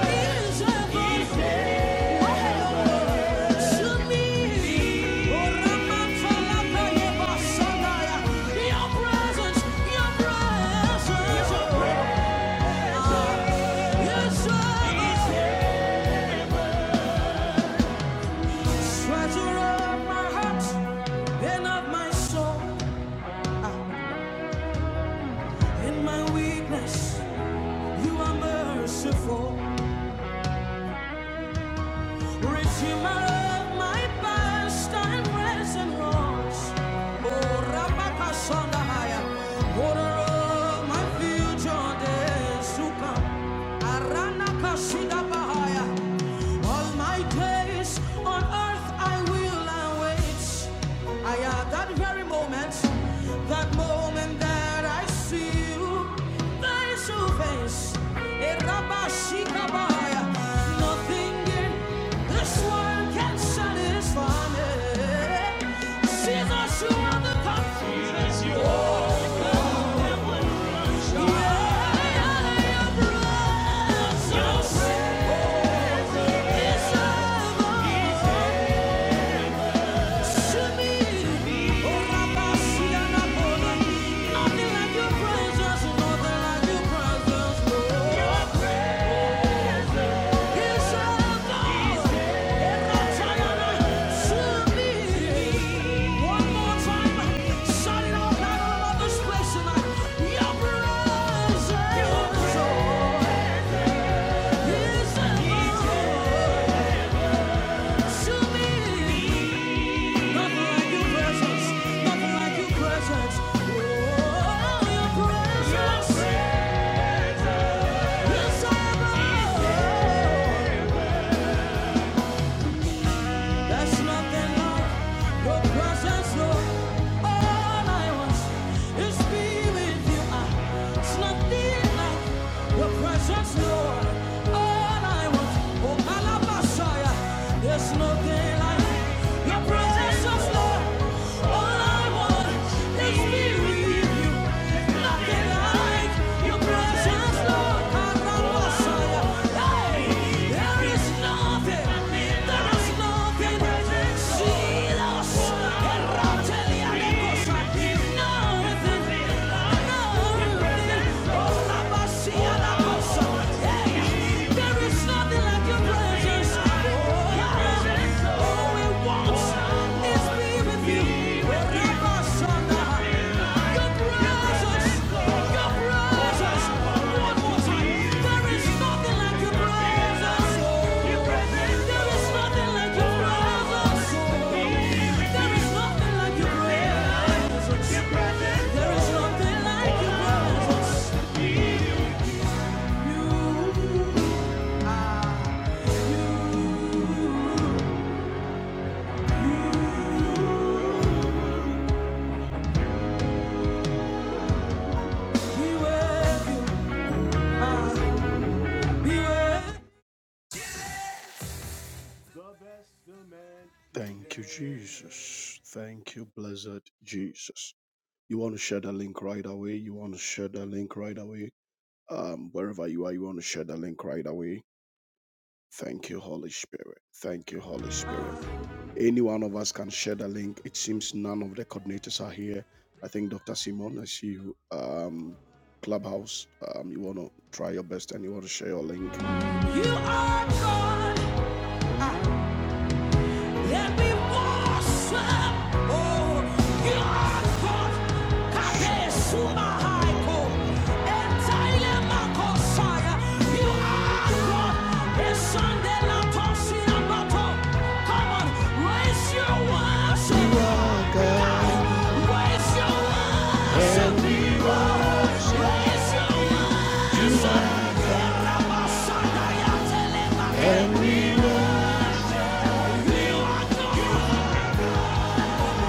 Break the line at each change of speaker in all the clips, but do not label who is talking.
Treasure of my heart and of my soul. In my weakness, you are merciful. Rich humor my past and present wrongs. Oh, Rabaka Sondahaya, water of my future days to come. Aranaka Shidabahaya, all my days on earth I will await. I at that very moment. That moment that I see you face to face, it rabashikabaya. nothing in this world can satisfy me. Jesus, you are the confidence. You are. Yeah, your presence is heaven. Your presence. Nothing like your presence. Nothing like your presence. Oh, your presence. Yes, I love. There's nothing more, no presence, Lord. All I want is be with you. Ah, nothing more, no presence, no. All I want, oh Alabasaya, there's nothing like your presence, Lord. All I want is be with you. There is nothing like your presence. There is nothing like your presence. You, you. Thank you, Jesus. Thank you, blessed Jesus. You want to share the link right away? You want to share the link right away? Um, wherever you are, you want to share the link right away. Thank you, Holy Spirit. Thank you, Holy Spirit. Any one of us can share the link. It seems none of the coordinators are here. I think Dr. Simon, I see you. Um, Clubhouse, um, you want to try your best and you want to share your link. You are God. Let me worship, oh, your God. Kate suma haiko, entaile makosaya. You are God. Esande la tosi ambato. Come on, raise your worship. You God. Raise your worship. And we worship. You are God. And we worship. You are God. I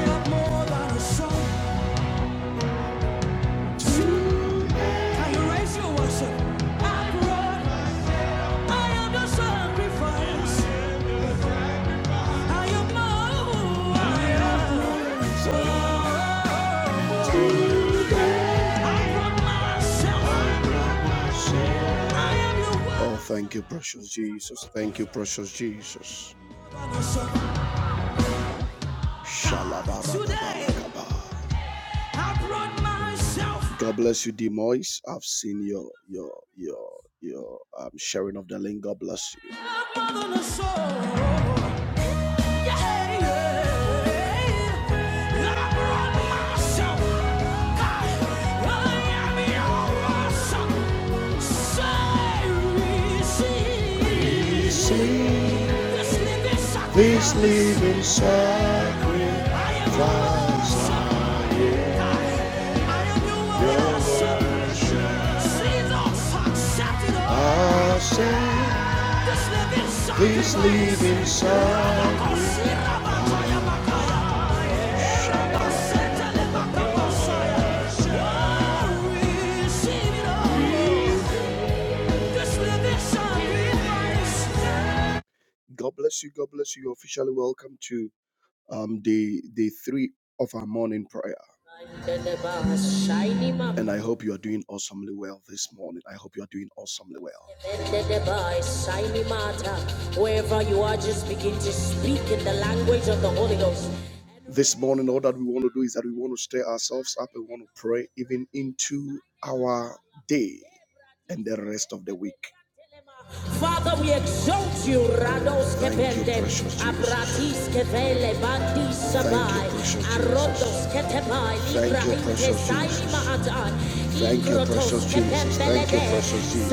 am more than a song. so. Oh, thank you, precious Jesus. Thank you, precious Jesus. worship. God bless you, D I've seen your your your your um, sharing of the link. God bless you. This living sacrifice, I am your worship. I Accept Please leave inside me. God bless you. God bless you. You're officially welcome to um, day day three of our morning prayer. And I hope you are doing awesomely well this morning. I hope you are doing awesomely well. Wherever you are, just begin to speak in the language of the Holy Ghost. This morning, all that we want to do is that we want to stir ourselves up and want to pray even into our day and the rest of the week. Father, we exalt you, Rados Thank you, Kepende, precious Jesus. Abratis Kevele, Bandis Thank you, Sabai, precious Arodos Jesus. Ketebai, Thank you, precious Kesaini Jesus. Mahatai, Thank you, precious Jesus. Thank you, precious Jesus.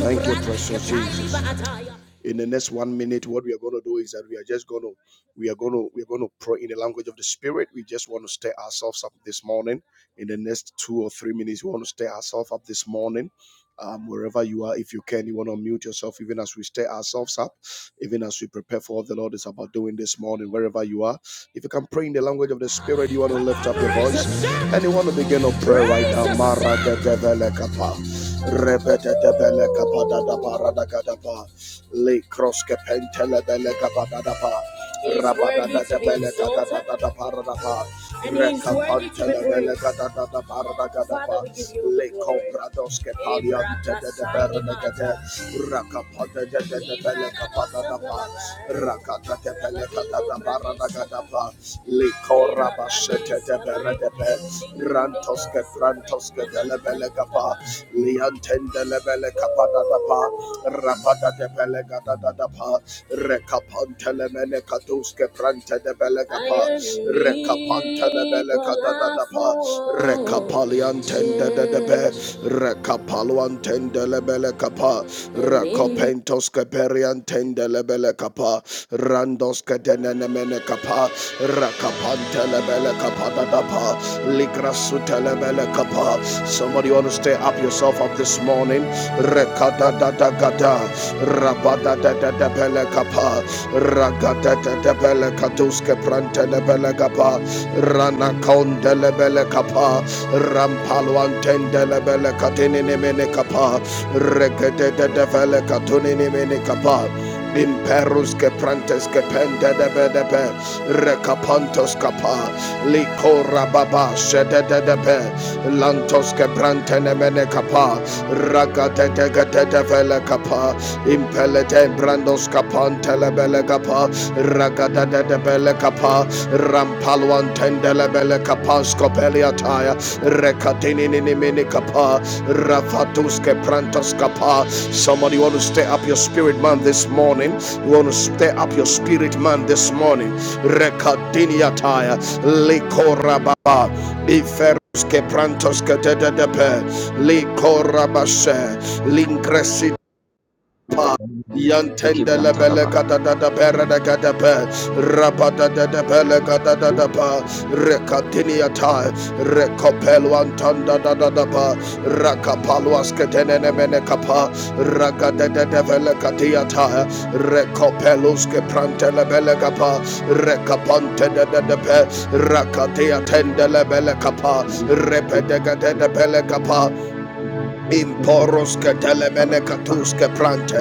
Thank you, precious Jesus. In the next one minute, what we are going to do is that we are just going to, we are going to, we are going to pray in the language of the Spirit. We just want to stir ourselves up this morning. In the next two or three minutes, we want to stir ourselves up this morning um, wherever you are, if you can, you want to mute yourself, even as we stir ourselves up, even as we prepare for what the Lord is about doing this morning, wherever you are. If you can pray in the language of the Spirit, you want to lift up your voice and you want to begin a prayer right now. Maragadebelekapa, rebedebelekapa, le crosskepentele belekapa, rabadadebelekapa, and He is worthy to be praised. Father, we give you the glory. Rantoske Frantoske Delebelekapa Liantende Lebelekapadadapa Rapada de Belegadadapa Rekapantelemenekatuske Prante de Belegapa Rekapanta da Rekapalian tenda da be. Rekapaluan tenda le Rekapentos keperian tenda le Randos kedenene mene kapa. Rekapante Somebody want to stay up yourself up this morning. Rekada da da gada. Rabada da da da bele kapa. Ragatatapele Katuske Prantelebele Gapa Ranakondelebele Kapa Rampaluantendelebele Katininimene Kapa Regetetefele Katuninimene Kapa Imperus que prantes que pende de bedebe, recapantos capa, licora baba, shede de debe, lantos que brantene mene capa, ragate de gate de vele capa, impelete brandos kapan telebele kapa ragada de bele kapa rampalwan tendele bele kapa skopelia mini kapa rafatus prantos kapa somebody want to stay up your spirit man this morning you want to stay up your spirit man this morning rekatini ataya likorababa ifer Skeprantos ketededepe, likorabashe, lingresi pa yantende
dikibilang cara
lebele
apa?
kata da da pera da kata pe rapata da da pele kata da da pa rekatini ata rekopelu antanda da da da pa rakapalu asketene ne mene kapa rakata da da pele kati ata rekopelu ke prante lebele kapa rekapante da da da rakati atende lebele kapa repete kata da pele kapa Imporos ke telemene katus ke prante,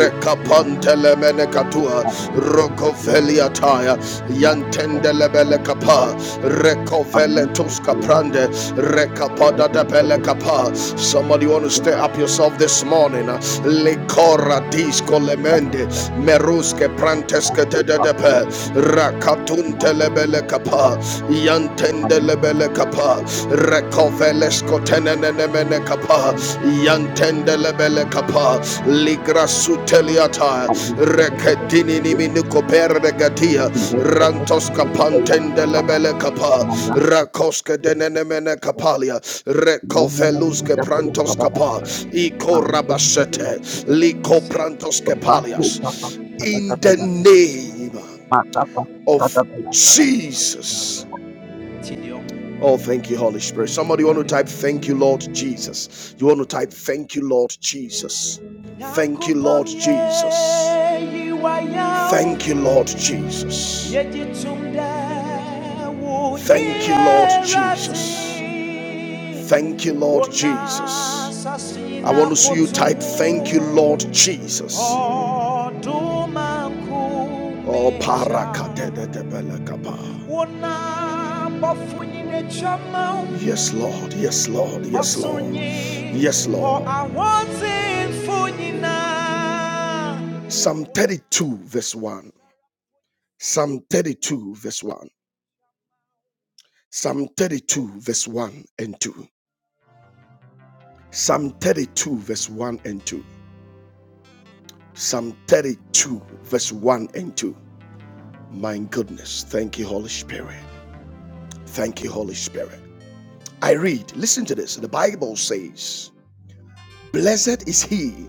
rekapan telemene katua, rokofelia taya, yantende lebele kapa, rekofele tuska prande, rekapada de pele kapa. Somebody want to stir up yourself this morning. uh, Likora disco lemende, meruske prantes ke te de de pe, Bele kapa, recoveles kotenene mene kapa, yantendele bele kapa, ligra suteliata, recedini niminuko perregatia, rantos kapantendele bele kapa,
Thank
rakoske denene mene
you.
kapalia, recoveluske prantos kapa, iko rabasete, liko prantos
Terbantu ungkapan
kepalias. In
kata-kata
the
yang
name
tepat, apa
of
kata-kata yang tepat.
Jesus. Oh, thank you, Holy Spirit. Somebody want to type, Thank you, Lord Jesus. You want to type, Thank you, Lord Jesus. Thank you, Lord Jesus. Thank you, Lord Jesus. Thank you, Lord Jesus. Thank you, Lord Jesus. Thank you, Lord Jesus. I want to see you type, Thank you, Lord Jesus. Oh, parakadedebelekapa. Yes, Lord. Yes, Lord. Yes, Lord. Yes, Lord. Psalm 32, verse 1. Psalm 32, verse 1. Psalm 32, verse 1 and 2. Psalm 32, verse 1 and 2. Psalm 32, verse 1 and 2. My goodness. Thank you, Holy Spirit. Thank you, Holy Spirit. I read, listen to this. The Bible says, Blessed is he,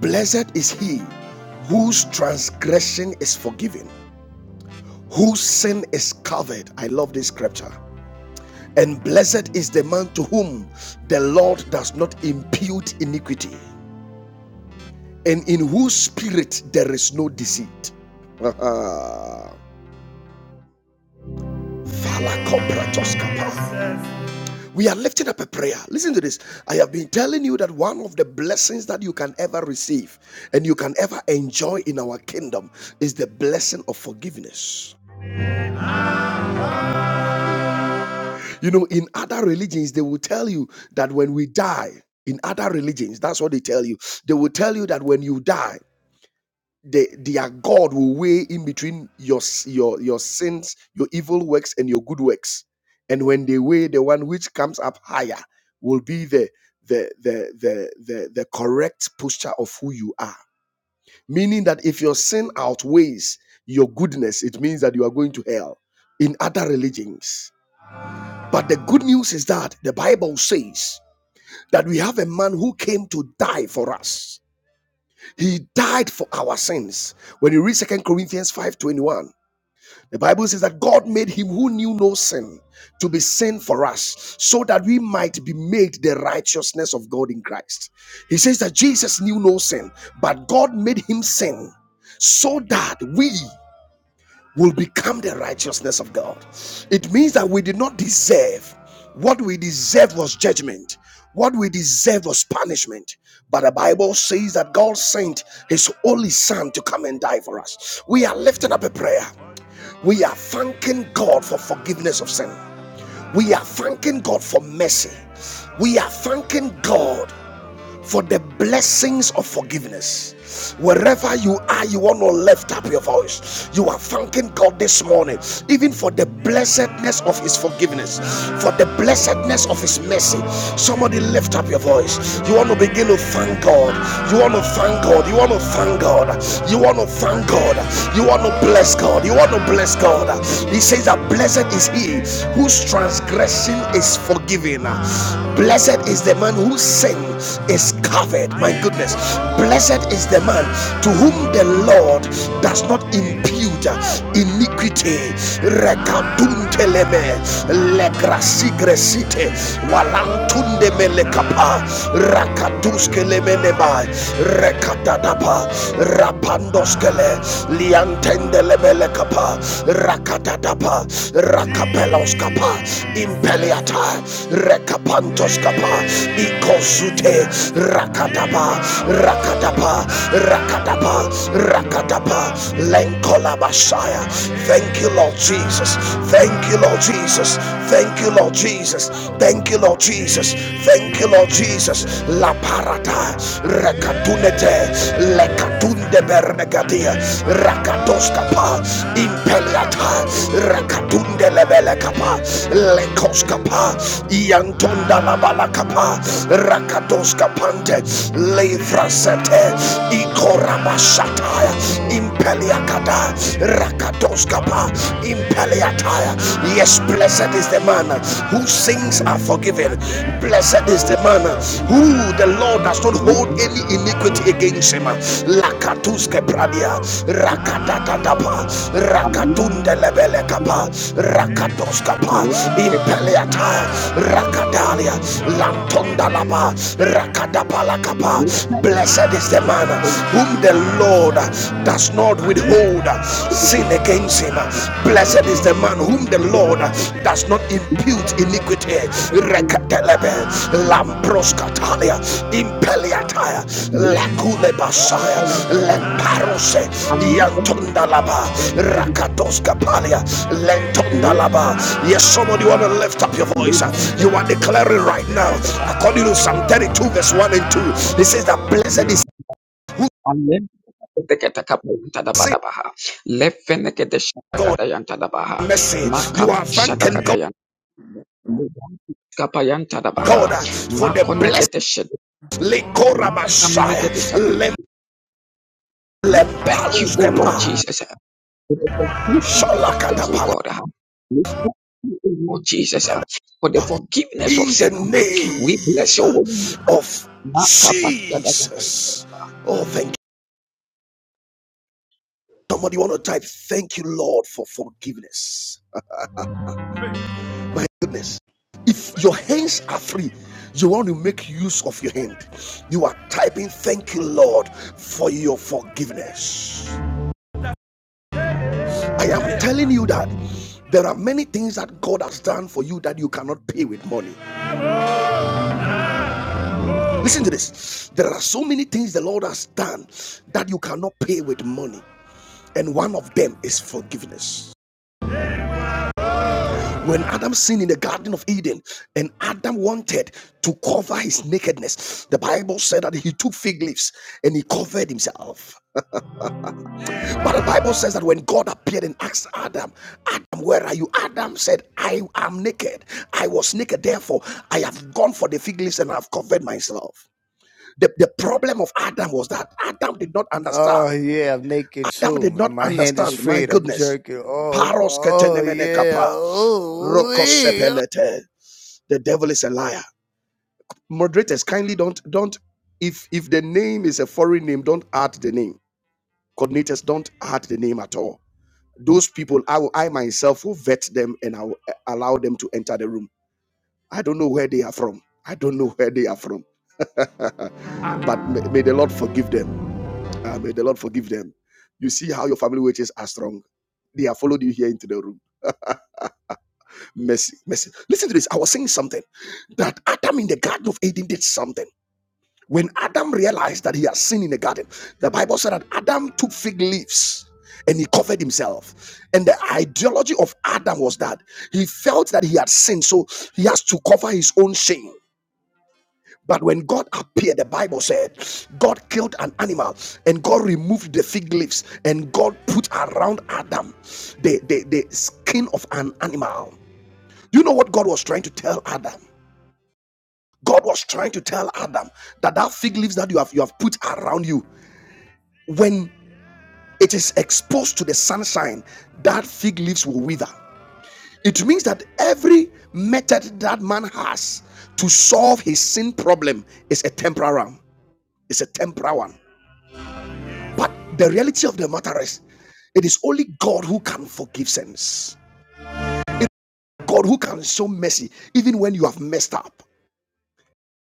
blessed is he whose transgression is forgiven, whose sin is covered. I love this scripture. And blessed is the man to whom the Lord does not impute iniquity, and in whose spirit there is no deceit. Valakopratoskapa. We are lifting up a prayer. Listen to this. I have been telling you that one of the blessings that you can ever receive and you can ever enjoy in our kingdom is the blessing of forgiveness. You know, in other religions, they will tell you that when we die, in other religions, that's what they tell you. They will tell you that when you die, the, their God will weigh in between your your your sins, your evil works, and your good works. And when they weigh, the one which comes up higher will be the the the the the, the correct posture of who you are. Meaning that if your sin outweighs your goodness, it means that you are going to hell. In other religions, but the good news is that the Bible says that we have a man who came to die for us he died for our sins. When you read Second Corinthians 5:21, the Bible says that God made him who knew no sin to be sin for us, so that we might be made the righteousness of God in Christ. He says that Jesus knew no sin, but God made him sin so that we will become the righteousness of God. It means that we did not deserve. What we deserve was judgment. What we deserve was punishment. But the Bible says that God sent His only Son to come and die for us. We are lifting up a prayer. We are thanking God for forgiveness of sin. We are thanking God for mercy. We are thanking God for the blessings of forgiveness. Wherever you are, you want to lift up your voice. You are thanking God this morning, even for the blessedness of His forgiveness, for the blessedness of His mercy. Somebody lift up your voice. You want to begin to thank God. You want to thank God. You want to thank God. You want to thank God. You want to bless God. You want to bless God. He says that blessed is He whose transgression transgression is forgiven. Blessed is the man whose sin is covered. My goodness. Blessed is the man to whom the Lord does not impute iniquity. Rekadunteleme legrasigresite walantundebelekapa rakaduskelemeneba rekatadapa rapandoskele lianten Rendelebele kapa, rakatadapa, rakapelos kapa, impeliata, rekapantos kapa, ikosute, rakadapa, rakadapa, rakadapa, rakadapa, lenkola basaya. Thank you, Lord Jesus. Thank you, Lord Jesus. Thank you, Lord Jesus. Thank you, Lord Jesus. Thank you, Lord Jesus. La parata, rekatunete lekatunde bernegadia rakatoskapa impeliata rekatunde lebelekapa lekoskapa iantonda labalakapa rakatoskapante leifrasete ikorabashataya impeliakada rakatoskapa impeliataya yes blessed is the man who sins are forgiven. Blessed is the man uh, who the Lord does not hold any iniquity against him. Lakatuske pradia, rakadakadapa, rakatunde lebelekapa, rakatoskapa, impeleata, rakadalia, lantondalapa, rakadapalakapa. Blessed is the man uh, whom the Lord does not withhold uh, sin against against him. Blessed is the man whom the Lord does not impute iniquity. Reketelebe, Lamproskatalia, Impeliataya, Lakulebasaya,
Kata-kata yang
Lemparose,
ಅಲ್ಲಿ ಇದ್ದಕ್ಕೆ
Yantondalaba,
ಸಂಪೂರ್ಣ
Rakatoskapalia,
ಅಲ್ಲಿ
Lentondalaba. Yes, somebody want to lift up your
ಅಲ್ಲಿ
voice.
ನಮ್ಮದ
You are declaring right now,
ಪ್ರವಾಹ
according to Psalm 32, verse 1 and 2, it says that blessed is who
ಅಲ್ಲಿ teketa kapu tada
sin
bada baha lefene kete shata
God
kata yang tada baha
mercy.
maka
You are
shata
thanking
kata
God
yang kapa yang tada baha
God uh, for the
makone
blessed
kete shata
Lekora
kamene
Messiah.
kete shata. Thank you, O Lord
Lempaluskepa.
Jesus, for forgiveness of things, O
Shalakatapala.
God. We thank you, O Lord Jesus, for the forgiveness of
In the
sin. We bless
name
your holy name.
of
Intakapa
Jesus. Oh, thank you. Somebody want to type, thank you, Lord, for forgiveness. My goodness. If your hands are free, you want to make use of your hand. You are typing, thank you, Lord, for your forgiveness. I am telling you that there are many things that God has done for you that you cannot pay with money. Listen to this. There are so many things the Lord has done that you cannot pay with money. And one of them is forgiveness. When Adam sinned in the Garden of Eden and Adam wanted to cover his nakedness, the Bible said that he took fig leaves and he covered himself. But the Bible says that when God appeared and asked Adam, Adam, where are you? Adam said, I am naked. I was naked, therefore I have gone for the fig leaves and I have covered myself. The, the problem of Adam was that Adam did not understand.
Oh yeah, I'm naked
Adam did
too, and
not
my hand is
understand. My
freed. I'm
goodness.
jerking off.
Paros
Oh
ketenemene
yeah.
kapa,
Oh, wee.
The devil is a liar. Moderators, kindly don't don't if if the name is a foreign name, don't add the name. Coordinators, don't add the name at all Those people, I, will, I myself will vet them and I will uh, allow them to enter the room. I don't know where they are from. I don't know where they are from. but may, may the Lord forgive them. Uh, may the Lord forgive them. You see how your family wages are strong. They have followed you here into the room. Mercy, mercy. Listen to this. I was saying something that Adam in the Garden of Eden did something. When Adam realized that he had sinned in the garden, the Bible said that Adam took fig leaves and he covered himself. And the ideology of Adam was that he felt that he had sinned, so he has to cover his own shame. But when God appeared, the Bible said, God killed an animal and God removed the fig leaves and God put around Adam the, the, the skin of an animal. You know what God was trying to tell Adam? God was trying to tell Adam that that fig leaves that you have you have put around you. when it is exposed to the sunshine, that fig leaves will wither. It means that every method that man has to solve his sin problem is a temporary one. It's a temporary one. But the reality of the matter is, it is only God who can forgive sins. God who can show mercy even when you have messed up.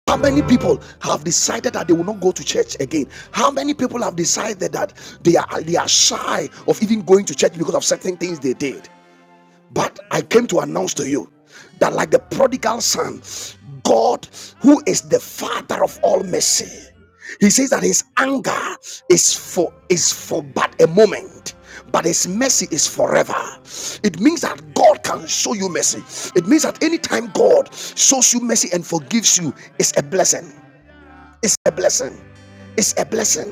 How many people have decided that they will not go to church again? How many people have decided that they are they are shy of even going to church because of certain things they did? But I came to announce to you that, like the prodigal son, God, who is the father of all mercy, he says that his anger is for is for but a moment, but his mercy is forever. It means that God can show you mercy. It means that anytime God shows you mercy and forgives you, it's a blessing. It's a blessing. It's a blessing.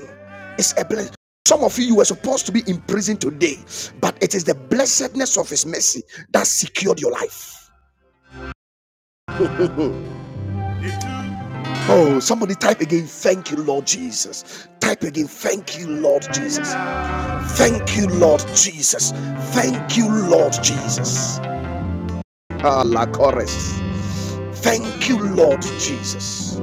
It's a blessing. Some of you, you were supposed to be in prison today, but it is the blessedness of His mercy that secured your life. Oh, somebody type again, thank you, Lord Jesus. Type again, thank you, Lord Jesus. Thank you, Lord Jesus. Thank you, Lord Jesus. Ah, la chorus. Thank you, Lord Jesus.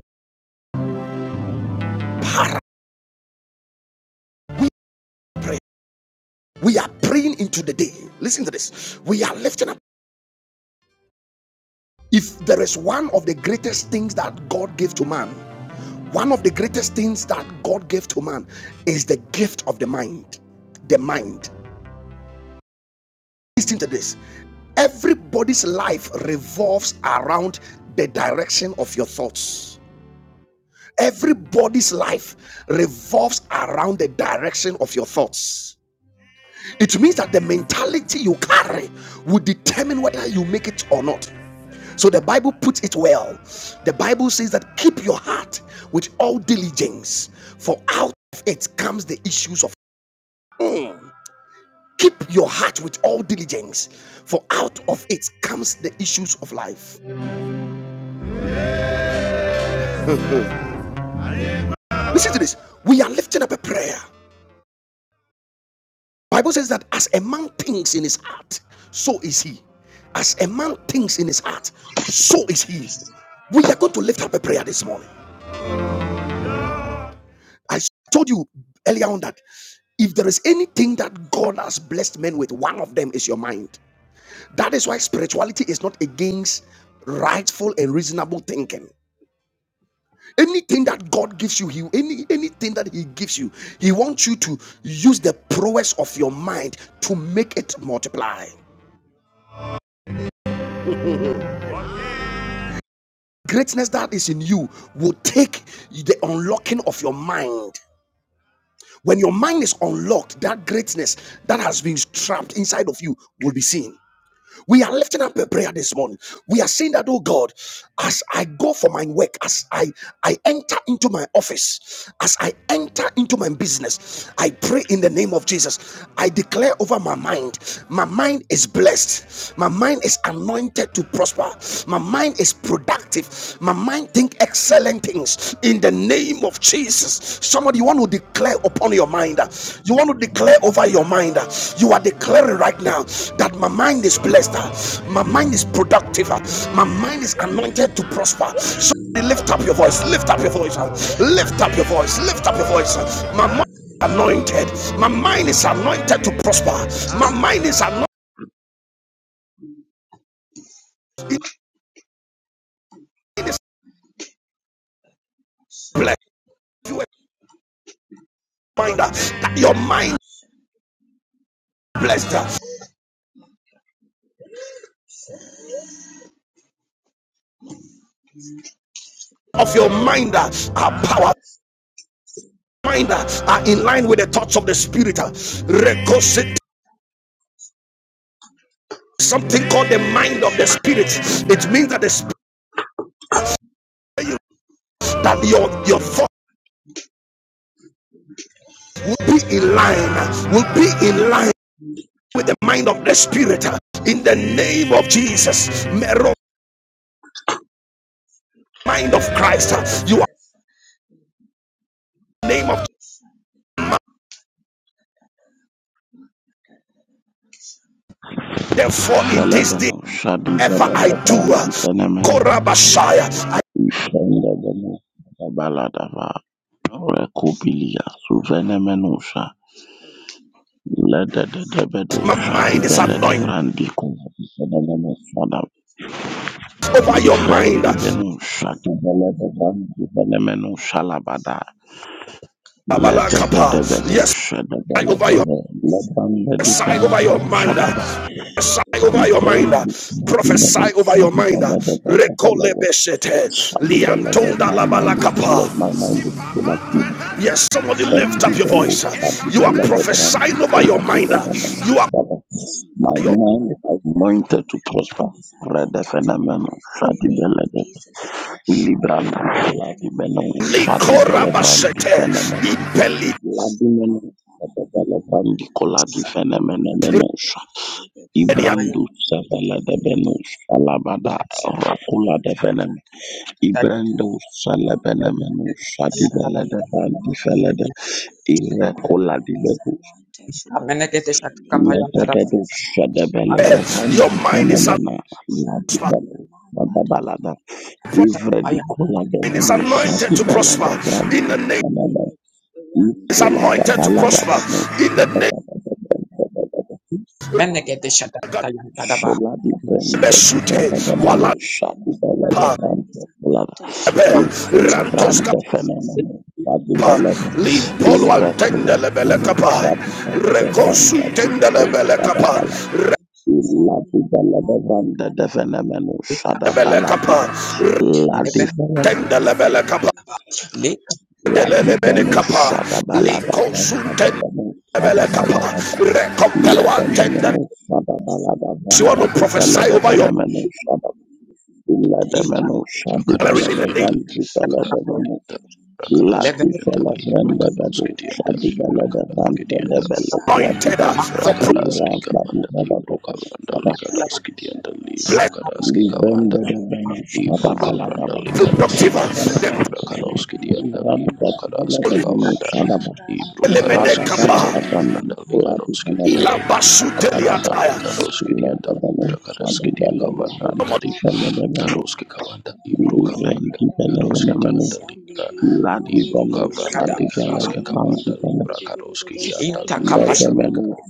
We are praying into the day. Listen to this. We are lifting up. If there is one of the greatest things that God gave to man, one of the greatest things that God gave to man is the gift of the mind. The mind. Listen to this. Everybody's life revolves around the direction of your thoughts. Everybody's life revolves around the direction of your thoughts. It means that the mentality you carry will determine whether you make it or not. So the Bible puts it well. The Bible says that keep your heart with all diligence, for out of it comes the issues of. Mm. Keep your heart with all diligence, for out of it comes the issues of life. Listen to this. We are lifting up a prayer. The Bible says that as a man thinks in his heart, so is he. As a man thinks in his heart, so is he. We are going to lift up a prayer this morning. I told you earlier on that if there is anything that God has blessed men with, one of them is your mind. That is why spirituality is not against rightful and reasonable thinking. Anything that God gives you, he, any anything that He gives you, He wants you to use the prowess of your mind to make it multiply. Greatness that is in you will take the unlocking of your mind. When your mind is unlocked, that greatness that has been trapped inside of you will be seen. We are lifting up a prayer this morning. We are saying that, oh God, as I go for my work, as I, I enter into my office, as I enter into my business, I pray in the name of Jesus. I declare over my mind, my mind is blessed, my mind is anointed to prosper, my mind is productive. My mind think excellent things in the name of Jesus. Somebody you want to declare upon your mind. You want to declare over your mind. You are declaring right now that my mind is blessed. My mind is productive. My mind is anointed to prosper. So lift up your voice. Lift up your voice. Lift up your voice. Lift up your voice. My mind is anointed. My mind is anointed to prosper. My mind is anointed. It is blessed. You are that your mind blessed of your mind uh, are power mind uh, are in line with the thoughts of the spirit uh, something called the mind of the spirit it means that the spirit that your your thoughts will be in line uh, will be in line with the mind of the spirit uh, in the name of jesus mero mind of christ uh, you are
Jesus. Mm.
the name of therefore in this day
Felebeno shadi
ever i
belede
do
frangi
uh,
fenemeno
korabashaya
ifende beno baladava rekubilia suvenemeno sha lede de debedo
my
shadi
mind is
belede
anointed
frangi kuvi fenemeno shada
It's anointed to be
over your
blessed in the
mind
ifrendi
uh,
beno
Jesus.
shadi
name.
belede frangi fenemeno shalabada lede de
Abalakapa.
debedo
Yes,
shada
I over
belede
your
lebande di
Sanderia
prophesy over
Branded
fenemeno
your mind.
shadaba
Prophesy
Manded
over your mind.
ifrendi kumadi
Prophesy
meno
over your
shadi
mind.
belede Velede
Rekolebeshete.
My mind
Shabby
is
Belebe,
Liantunda
my mind is like
labalakapa.
my mind is full of things.
Yes, somebody lift up
Shadi
your
Bello,
voice.
Shabby
You are
Belebe, Brand,
prophesying over your
Kolabi,
mind. You are
Belebe, My
your
mind is anointed to prosper. Red
anointed to be
phenomenon,
blessed in the
Shadi
name of
Belebe,
Jesus.
Willy Brand, shadi Bello, Shadi Belebrand,
likorabashete.
phenomenon,
Impeli.
Ladimon, Shabby Belebrand, Kolabi, phenomenon, Menosha. Ibrandu Sevele de Benus, Alabada, Rakula
Shandiya
de
Manga da da da da da da
Ibrando
Manga da da da
Salabanamanu
da da
Shadi Balada
Shandiya
Bandi
Mandi
Falada
da da da da. My
Irakola di
mind is
Bedus
anointed, I should be blessed in the name of
Ladabadu
Jesus. ah.
Shadabalada
Mandi da da
Your
da
Randi
da da
mind
da
is
Fenomena
da.
prosper.
Shandiya
Ladibalu
Manga da da da da
Badabalada
da da da.
Your
Ivredi
Manga
Kola
da da
de
da
mind
da
is
Manu
da da.
Shadi
anointed to
Balada
Shandiya
prosper in
Randi
the
Mandi da
name
da da da
Falada
da.
is
Randi da
Isola
da da
da
da
anointed
da
to
da
Balada
da.
prosper
Manu
in the
Shandiya Manga
Shadabalada
da da da
Bandabada
da da. Manga da da
name
da da da da.
Sola di Brenda
Shandiri
Besute
Balada Manu
walapa
Amandiriri.
Shadi
My
Balada
mind is
Randi Falada
unmanned. I should be
ebe
blessed in
Isola
the name of
rantoska
Randa
Jesus.
Fenomena
My
pa
mind
Shadi
is unmanned. I
limpolo
should be blessed
antende
Irakola
in my
lebele
life
manu
kapa
in the
Sabi
name of Jesus.
rekosu
Baladavanda
tende
Divano
lebele
Shandiri
kapa
Sadabala La
Shandiri
Baladavanda
Ramangada
Devenemenu
rebele
Sadabala
kapa
La
Ramangada
Divana
tende lebele kapa
Shandiri
La
my
delele
mind
bene
is
Divano
kapa
financially
Sadabala
likosu
Davanda
tende
Devenu
lebele kapa
Sadabala Dava
rekompelo
La
antende
Denemenu Sadabala
you want
Davanda
to
Divela
prophesy over your
Devenemenu Sadab La Demenu
marriage
Sadibela
in
Rakadoski
the name
Devan
diandali,
Divela
Rakadoski
Devenu
diandali,
La
Rakadoski
prospered
Divela
diandali,
in life, O
Vendevenu
Rakadoski
Lord.
diandali,
Sadibela
Ram
Devan
Rakadoski diandali,
Vendevela
anointed
Quadiva
uh,
Shandelia
for
Ramaga
Rakadoski
Dada
kavandali, Rukavrandali,
Maga
Rakadoski
Dada Dada
diandali,
blessed
Rakadoski
Shandelia
kavandali,
Mandedi. Randy
Rukavrandali, Rakadoski
productive uh,
diandali,
the
Rakadoski diandali, Rakadoski
holy
kavanda, Libro
element
Rakadoski
kapa
diandali, Randali, Rakadoski diandali, Rukavrandali,
Ilabasuteliataya.
Rakadoski diandali, Rakadoski dia
Shandelia
Some of
manga
kavandali,
da
Kadoski Kavanda Libro Kavanda Kadoski
Mangara
Dianda Libra
Shandelia Mandiri
Libro Kavanda Likaraska Kavanda Libra Kadoski
Randiri
Dianda
you,
Libra
Let
the
Shandelia
them
Andali
alone,
manga
Karo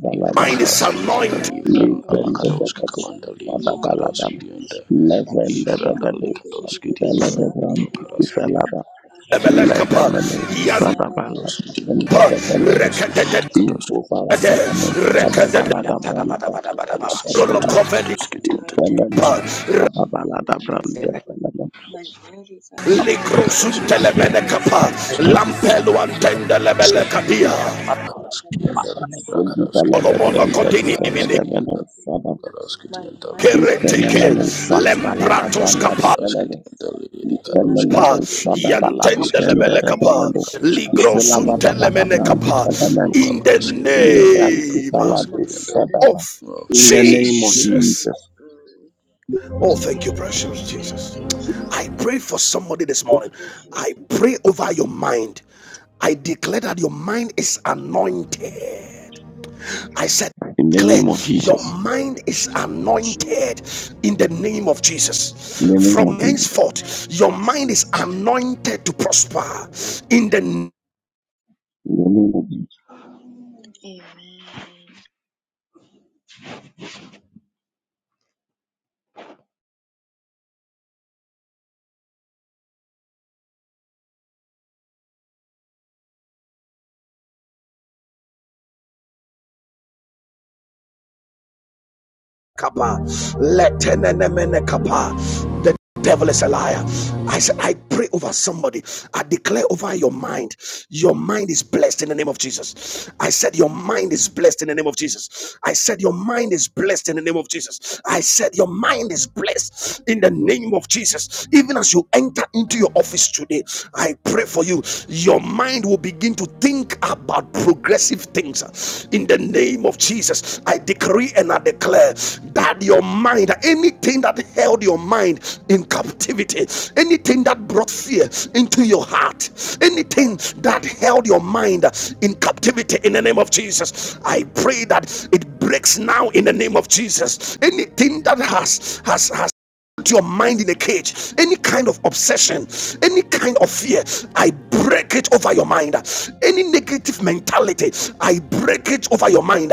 da da da da
Libro
da
mind
da da
is
da.
Karaski Dianda
anointed.
Libra
Manga da da da da da
Andala
da
Kadoski
da.
Kavanda Libro
Shandelia
Kadoski Dianda
Mangara
Libra Andali Kadoski
Mandiri
Dianda Libro
Shandelia
Karaski Dianda
manga da da da da
Emelekapa,
da.
Yanpa,
Manga
Libra
da da da
Kadoski
da
Dianda
da da da da.
Kadoski Dianda
Rekadede,
Mangara
Kadoski
Rekadede,
Sandhya
Dianda
Mandir
Kadoski Dianda Kadoski
My
Dianda Kadoski Dianda
Ifenemenu
mind is
Kadoski
anointed to my life, O Lord. My mind is anointed to be
Dianda
prosper, O
Kadoski
Likrosuntelemenekapa,
Lord.
Dianda
Lampelo antendelebelekadia,
Karoskidi and Dali, Rakaroskidi and
Olomono
Dali,
kodini mini
Rakaroskidi and Dali, Rakaroskidi
My
and
mind
Dali,
is
kereteke,
Rakaroskidi
prosper
and
to
Dali,
do
fada
well in
balada
the
Lempratos
name of
kapa.
branda
Rakaroskidi and
Jesus.
Dali,
Ifele lebo
Rakaroskidi and
shada
Dali,
bala
Rakaroskidi
Oh,
difende
and Dali,
de
Yantendelebelekapa,
belebo.
Rakaroskidi and
Ifela bada bada brand
Ligrosuntelemenekapa,
ifele
Dali,
men.
In the
Rakaroskidi and Dali,
Livran ifala
name
do
Rakaroskidi and Dali,
shada ba.
of
name of
In the
Jesus,
name of
Jesus.
Jesus.
Jesus. Mm.
Oh, thank you, precious
Thank
Jesus.
you,
I
Jesus.
pray for somebody this
Thank
morning.
you,
I
Jesus.
pray over your mind. I declare that your mind is anointed. I said,
In the
declare
name of
Amen.
your
Jesus.
mind is anointed in the name of
In
Jesus.
the name of
From
Jesus.
Amen.
henceforth,
In
your mind is
Jesus' name.
anointed to prosper in the name
In the name of Jesus.
Amen.
Kappa. Letenene kappa. The devil is a liar. I said, I pray over somebody. I declare over your mind. Your mind is blessed in the name of Jesus. I said, Your mind is blessed in the name of Jesus. I said, Your mind is blessed in the name of Jesus. I said, Your mind is blessed in the name of Jesus. Even as you enter into your office today, I pray for you. Your mind will be will begin to think about progressive things in the name of Jesus. I decree and I declare that your mind, anything that held your mind in captivity, anything that brought fear into your heart, anything that held your mind in captivity in the name of Jesus, I pray that it breaks now in the name of Jesus. Anything that has has has put your mind in a cage any kind of obsession any kind of fear i break it over your mind any negative mentality i break it over your mind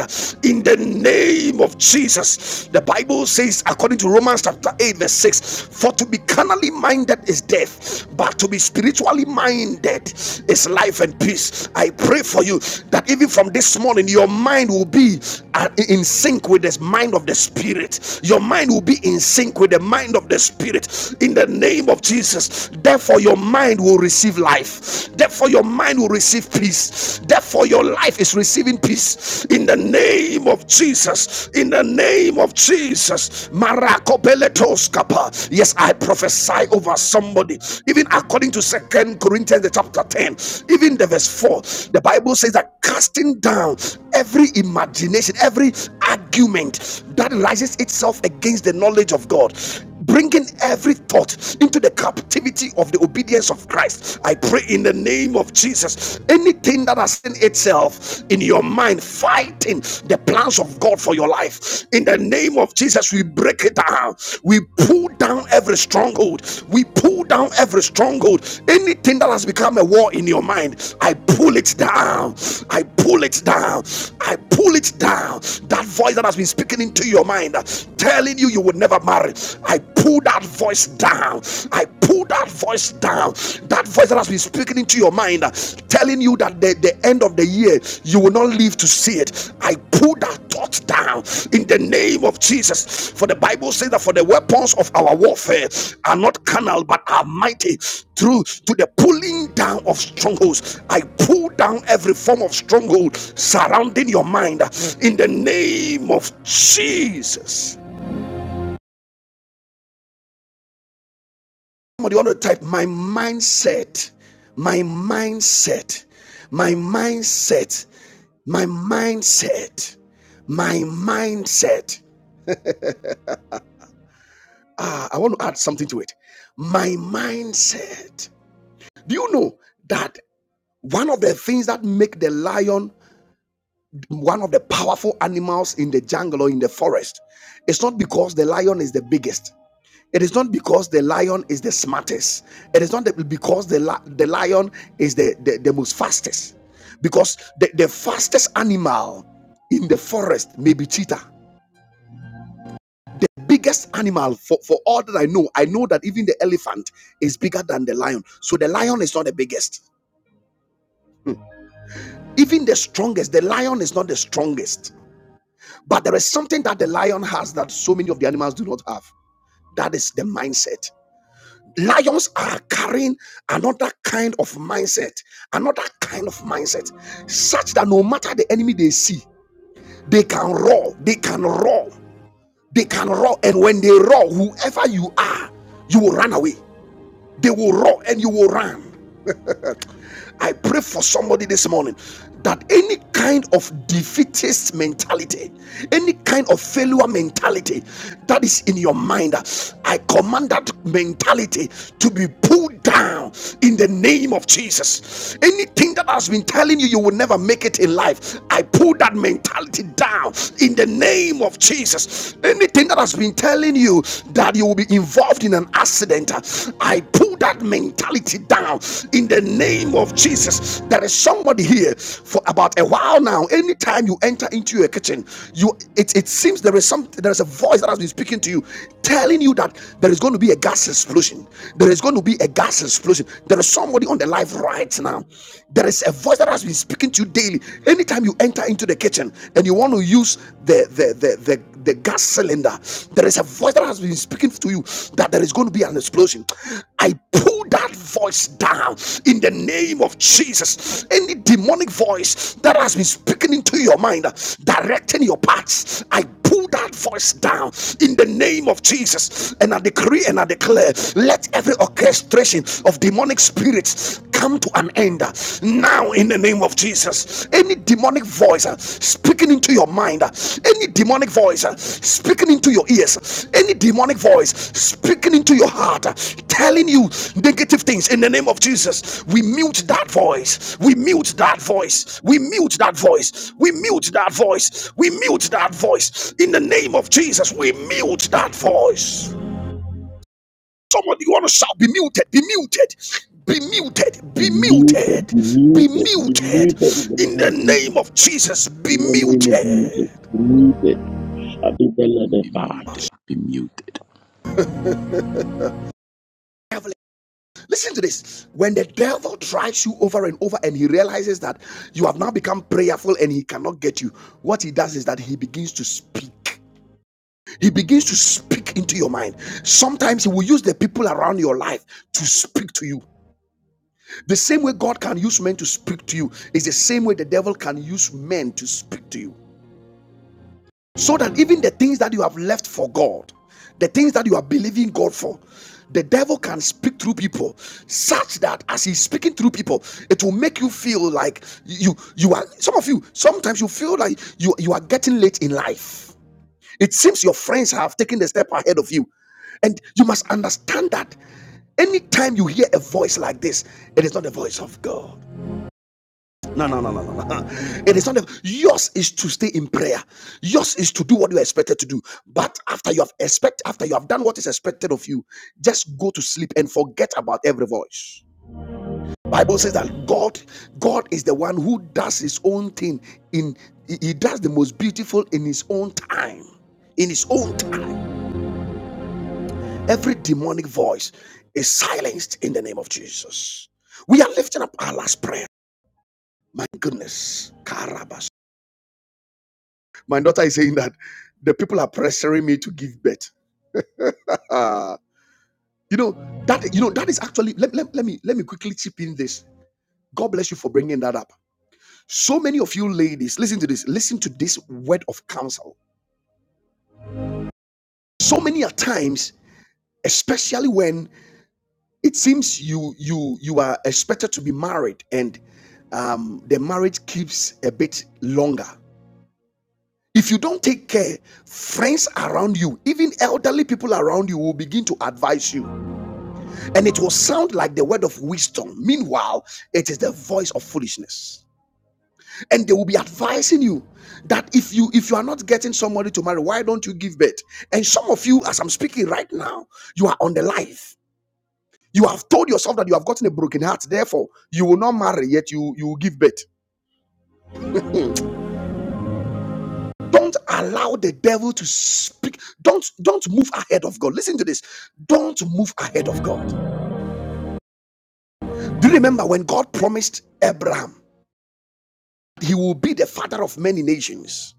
in the name of jesus the bible says according to romans chapter 8 verse 6 for to be carnally minded is death but to be spiritually minded is life and peace i pray for you that even from this morning your mind will be uh, in sync with the mind of the spirit your mind will be in sync with think with the mind of the Spirit in the name of Jesus. Therefore, your mind will receive life. Therefore, your mind will receive peace. Therefore, your life is receiving peace in the name of Jesus. In the name of Jesus. Marakopeletoskapa. Yes, I prophesy over somebody. Even according to Second Corinthians the chapter 10, even the verse 4, the Bible says that casting down every imagination, every argument that rises itself against the knowledge knowledge of God, bringing every thought into the captivity of the obedience of Christ. I pray in the name of Jesus. Anything that has seen itself in your mind fighting the plans of God for your life, in the name of Jesus, we break it down. We pull down every stronghold. We pull pull down every stronghold. Anything that has become a war in your mind, I pull it down. I pull it down. I pull it down. That voice that has been speaking into your mind, telling you you would never marry, I pull that voice down. I pull that voice down. That voice that has been speaking into your mind, telling you that the, the end of the a year, you will not live to see it. I pull that thought down in the name of Jesus. For the Bible says that for the weapons of our warfare are not carnal but are mighty through to the pulling down of strongholds. I pull down every form of stronghold surrounding your mind in the name of Jesus. Somebody want to type my mindset, my mindset, my mindset My mindset, my mindset. Ah, I want to add something to it. My mindset. Do you know that one of the things that make the lion one of the powerful animals in the jungle or in the forest is not because the lion is the biggest. It is not because the lion is the smartest. It is not because the, li- the lion is the, the, the most fastest. Because the, the fastest animal in the forest may be cheetah biggest animal for, for all that I know. I know that even the elephant is bigger than the lion. So the lion is not the biggest. Hmm. Even the strongest, the lion is not the strongest. But there is something that the lion has that so many of the animals do not have. That is the mindset. Lions are carrying another kind of mindset, another kind of mindset, such that no matter the enemy they see, they can roar, they can roar, they can roar. And when they roar, whoever you are, you will run away. They will roar and you will run. I pray for somebody this morning that any kind of defeatist mentality, any kind of failure mentality that is in your mind, I command that mentality to be pulled down in the name of Jesus. Anything that has been telling you you will never make it in life, I pull that mentality down in the name of Jesus. Anything that has been telling you that you will be involved involved in an accident, I pull that mentality down in the name of Jesus. There is somebody here for about a while now. Anytime you enter into your kitchen, you it, it seems there is some there is a voice that has been speaking to you, telling you that there is going to be a gas explosion. There is going to be a gas explosion. There is somebody on the live right now. There is a voice that has been speaking to you daily. Anytime you enter into the kitchen and you want to use the the the, the the gas cylinder, there is a voice that has been speaking to you that there is going to be an explosion. I pull that voice down in the name of Jesus. Any demonic voice that has been speaking into your mind, directing your paths, I pull that voice down in the name of Jesus. And I decree and I declare let every orchestration of demonic spirits come to an end now in the name of Jesus. Any demonic voice uh, speaking into your mind, uh, any demonic voice uh, speaking into your ears, any demonic voice speaking into your heart, uh, telling you negative things in the name of Jesus. We mute that voice. We mute that voice. We mute that voice. We mute that voice. We mute that voice in the name of Jesus. We mute that voice. Somebody, you want to shout, be muted, be muted, be muted,
Be
be
muted.
muted,
Be
be
muted. Be
muted.
muted in the
In
name
the
of Jesus.
name of Jesus,
In
be
the name of Jesus.
muted.
Be muted. Shadi bele de
be
ba.
muted, be muted.
Listen to this. When the devil drives you over and over and he realizes that you have now become prayerful and he cannot get you, what he does is that he begins to speak. He begins to speak into your mind. Sometimes he will use the people around your life to speak to you. The same way God can use men to speak to you is the same way the devil can use men to speak to you. So that even the things that you have left for God, the things that you are believing God for, the devil can speak through people such that as he's speaking through people, it will make you feel like you you are some of you sometimes you feel like you you are getting late in life. It seems your friends have taken the step ahead of you. And you must understand that anytime you hear a voice like this, it is not the voice of God. No, no, no, no, no, no. It is not. A, yours is to stay in prayer. Yours is to do what you are expected to do. But after you have expect, after you have done what is expected of you, just go to sleep and forget about every voice. Bible says that God, God is the one who does His own thing. In He does the most beautiful in His own time. In His own time, every demonic voice is silenced in the name of Jesus. We are lifting up our last prayer. My goodness, Karabas. My daughter is saying that the people are pressuring me to give birth. Uh, you know that you know that is actually let, let, let me let me quickly chip in this. God bless you for bringing that up. So many of you ladies, listen to this. Listen to this word of counsel. So many a times, especially when it seems you you you are expected to be married and um, the marriage keeps a bit longer. If you don't take care, friends around you, even elderly people around you, will begin to advise you. and it will sound like the word of wisdom. Meanwhile, it is the voice of foolishness. And they will be advising you that if you if you are not getting somebody to marry, why don't you give birth? And some of you, as I'm speaking right now, you are on the life. You have told yourself that you have gotten a broken heart, therefore you will not marry, yet you you will give birth. Hmm. Don't allow the devil to speak. Don't don't move ahead of God. Listen to this. Don't move ahead of God. Do you remember when God promised Abraham? he will be the father of many nations.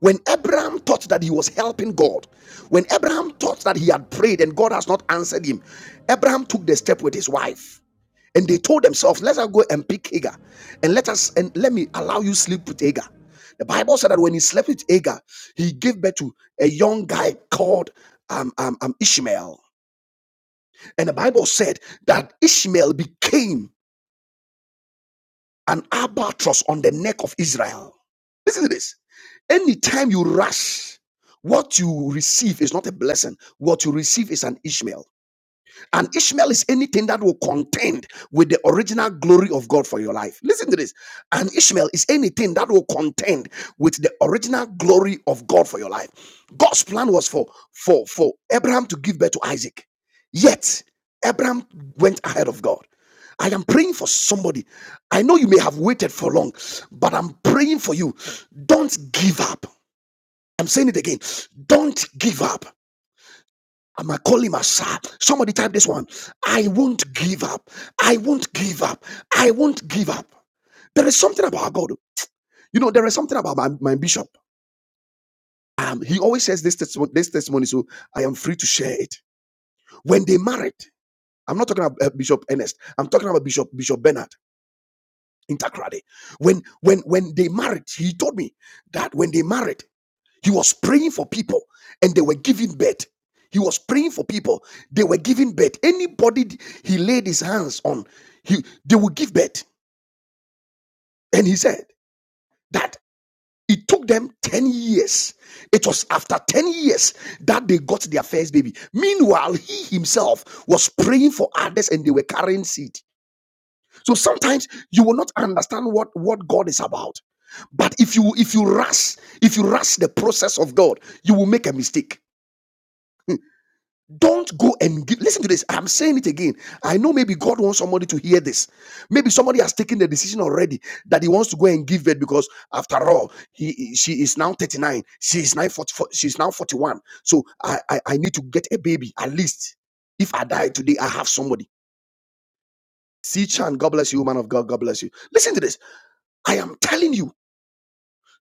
When Abraham thought that he was helping God, when Abraham thought that he had prayed and God has not answered him, Abraham took the step with his wife. And they told themselves, Let us go and pick Hagar and let us and let me allow you sleep with Hagar. The Bible said that when he slept with Hagar, he gave birth to a young guy called um, um, um, Ishmael. And the Bible said that Ishmael became an albatross on the neck of Israel. Listen to this. Anytime you rush, what you receive is not a blessing. What you receive is an Ishmael. And Ishmael is anything that will contend with the original glory of God for your life. Listen to this. And Ishmael is anything that will contend with the original glory of God for your life. God's plan was for for for Abraham to give birth to Isaac. Yet Abraham went ahead of God. I am praying for somebody. I know you may have waited for long, but I'm praying for you. Don't give up. I'm saying it again. Don't give up. I'm gonna call him Asa. Somebody type this one. I won't give up. I won't give up. I won't give up. There is something about God. You know, there is something about my, my bishop. Um, he always says this, testi- this testimony, so I am free to share it. When they married, I'm not talking about uh, Bishop Ernest. I'm talking about Bishop Bishop Bernard in Takrade. When when when they married, he told me that when they married. He was praying for people and they were giving birth. He was praying for people, they were giving birth. Anybody he laid his hands on, he, they would give birth. And he said that it took them 10 years. It was after 10 years that they got their first baby. Meanwhile, he himself was praying for others and they were carrying seed. So sometimes you will not understand what, what God is about. But if you if you rush, if you rush the process of God, you will make a mistake Don't go and give. Listen to this. I'm saying it again. I know maybe God wants somebody to hear this. Maybe somebody has taken the decision already that he wants to go and give it because, after all, he she is now 39. She is now 44. She now 41. So I, I I need to get a baby at least. If I die today, I have somebody. See Chan, God bless you, man of God. God bless you. Listen to this. I am telling you,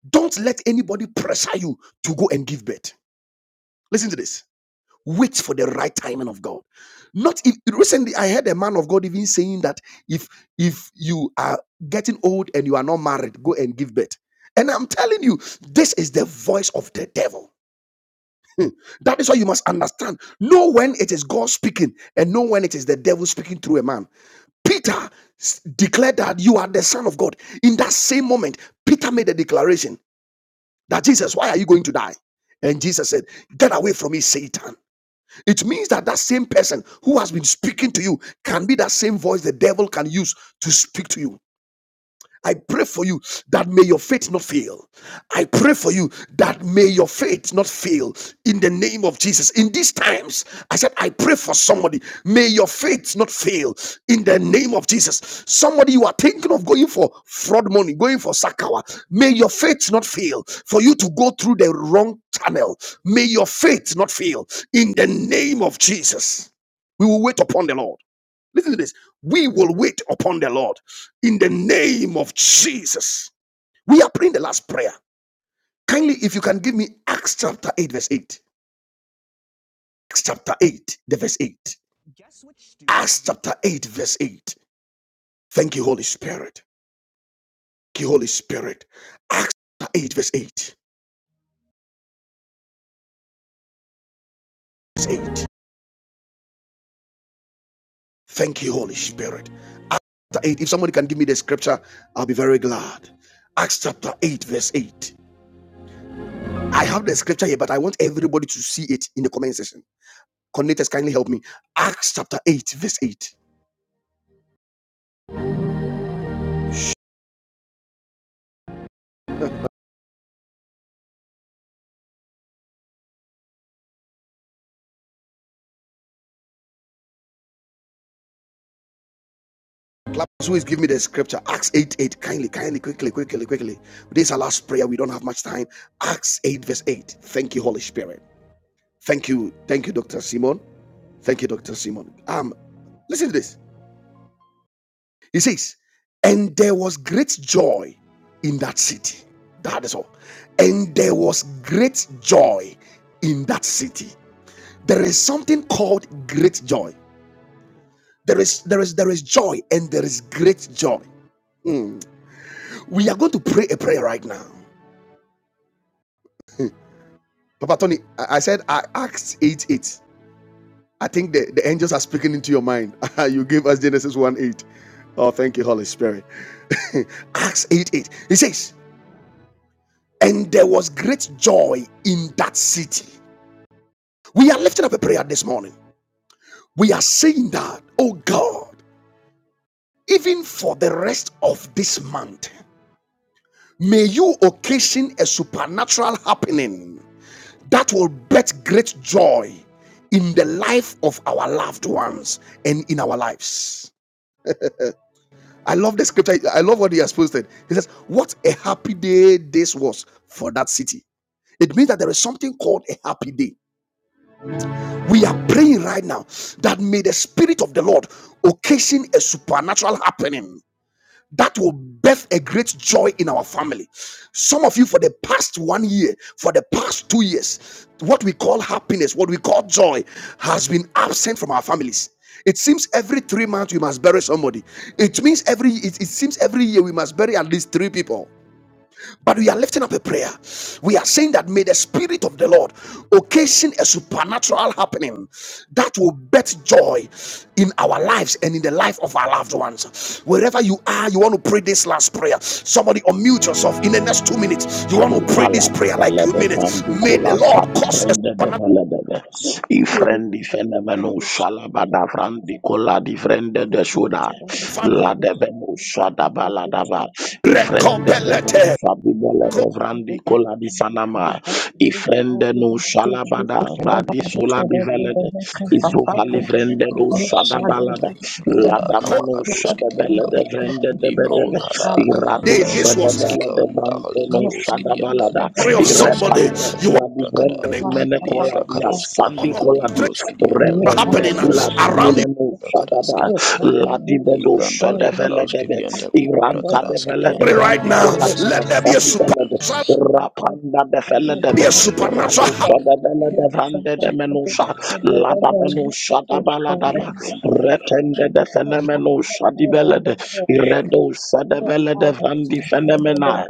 don't let anybody pressure you to go and give birth. Listen to this. Wait for the right timing of God. Not if, recently, I heard a man of God even saying that if if you are getting old and you are not married, go and give birth. And I'm telling you, this is the voice of the devil. Hmm. That is why you must understand. Know when it is God speaking and know when it is the devil speaking through a man. Peter s- declared that you are the Son of God. In that same moment, Peter made a declaration that Jesus, why are you going to die? And Jesus said, Get away from me, Satan. It means that that same person who has been speaking to you can be that same voice the devil can use to speak to you. I pray for you that may your faith not fail. I pray for you that may your faith not fail in the name of Jesus. In these times, I said, I pray for somebody. May your faith not fail in the name of Jesus. Somebody you are thinking of going for fraud money, going for sakawa. May your faith not fail for you to go through the wrong channel. May your faith not fail in the name of Jesus. We will wait upon the Lord. Listen to this. We will wait upon the Lord in the name of Jesus. We are praying the last prayer. Kindly, if you can give me Acts chapter 8, verse 8. Acts chapter 8, the verse 8. Acts chapter 8, verse 8. Thank you, Holy Spirit. Thank you, Holy Spirit. Acts chapter 8, verse 8. Verse 8. Thank you, Holy Spirit. Acts chapter 8. If somebody can give me the scripture, I'll be very glad. Acts chapter 8, verse 8. I have the scripture here, but I want everybody to see it in the comment section. Connectors, kindly help me. Acts chapter 8, verse 8. Clappers, who is give me the scripture? Acts 8, 8. Kindly, kindly, quickly, quickly, quickly. This is our last prayer. We don't have much time. Acts 8, verse 8. Thank you, Holy Spirit. Thank you. Thank you, Dr. Simon. Thank you, Dr. Simon. Um, listen to this. He says, and there was great joy in that city. That is all. And there was great joy in that city. There is something called great joy. There is there is there is joy and there is great joy. Hmm. We are going to pray a prayer right now. Papa Tony, I, I said I asked 8 8. I think the, the angels are speaking into your mind. you gave us Genesis 1 8. Oh, thank you, Holy Spirit. Acts 8 8. He says, And there was great joy in that city. We are lifting up a prayer this morning. We are saying that, oh God, even for the rest of this month. May you occasion a supernatural happening that will birth great joy in the life of our loved ones and in our lives. I love the scripture. I love what he has posted. He says, What a happy day this was for that city. It means that there is something called a happy day. We are praying right now that may the Spirit of the Lord occasion a supernatural happening that will birth a great joy in our family. Some of you, for the past one year, for the past two years, what we call happiness, what we call joy, has been absent from our families. It seems every three months we must bury somebody. It means every it, it seems every year we must bury at least three people. But we are lifting up a prayer. We are saying that may the Spirit of the Lord occasion a supernatural happening that will bet joy in our lives and in the life of our loved ones. Wherever you are, you want to pray this last prayer. Somebody unmute yourself in the next two minutes. You want to pray
Ubala
this
di
prayer like
bele
two
de
minutes.
brandi
May
kola
the Lord
sabi
cause a
brende de
supernatural
bele de de.
Thank
I frendi fenemeno shalaba da brandi kola di frende de suda. La de beno shada bala da I frende beno
recompelete.
sabi bele de brandi kola di sanama. I frende no shalaba da radi sola di vele de. I sovali
Kidiyantali
frende
bro
do
karas
shada bala da.
kidiyantali
La
brakada
da mano
kavakados kados
shada bele de
kidiyantali
vrende de be de
libro kada
Irado
kavanda
This was the
kadiski
Shadabella de
kavanda kali
Bandono
kados kidiyantali
Shadabalada,
story
bro
of
kados
somebody.
Irepanda
kidiyantali
You are
Sulabi
brakada
the
Brenda
name
di
livra
Menecola di
kados
of
Asandi
God
kavanda
Colabi,
libros kidiyantali
Repende
happening
brakadas
Sulat
around you
kidiyantali
Mineno
you.
brakadas
Shadaba,
Look, I
kidiyantali
don't know
Ladibedo
what
librandali
that
Shadavella
kados
de Be,
is. I'm not
kidiyantali
sure what
Iranta de
brakadas
Vella de
that is.
kidiyantali
right
Brandi
bro
now.
Look,
kadas
Colabi
Let there be
I
a
kidiyantali
Asandi Belede,
supernatural,
don't know what that is.
Rapanda de
I don't
Vella de
be
Be,
know
a
what
librandali
that
kados
supernatural.
Rado Shadabella
is.
kidiyantali
Look,
de
I
Vande
brakadas
de
don't know what that is.
Menusa,
I don't know what that
kidiyantali
is.
Ladabenusa
Look, I
Dabalada,
don't know what that is.
Librondo ligar
Retende de
Look, I don't know what that is. I don't know what that is. Look, I don't know what that
fenomeno shadibelede.
is.
Iredo
Look, I
sadebelede vandi
Skydianda
fenomena.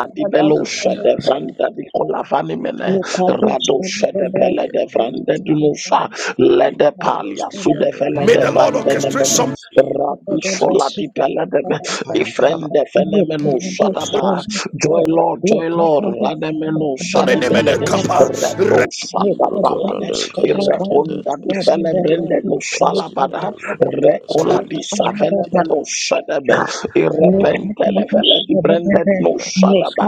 Libranda ligara
shade vranda
Skydianda
di kolavanimene.
Skydianda
Rado
Libra
shadebelede
Skydianda
vande dunusha. Lede
don't
Libra
palia
know what
Skydianda
that is.
May
sudevelede
the
Libra
Lord
vrande
orchestrate
nemene.
something.
Skydianda Libra
Radi
Make
Skydianda
sholadibelede.
Bayangkan
Ifrende fenomeno
Libra
shadaba. Joy
Skydianda
Lord, joy Lord. Rademeno
in the name of the
shadibelede.
Kappa.
Redo
Libra
shadabalade.
Cabranda ligara Skydianda
Irakonda di
ligara Skydianda Libra Skydianda Libra
felebrende no
Skydianda
falabada.
ligara Skydianda Libra
Recola
Skydianda
di savenebe no shadebe. Irepente levele di brende no shadaba.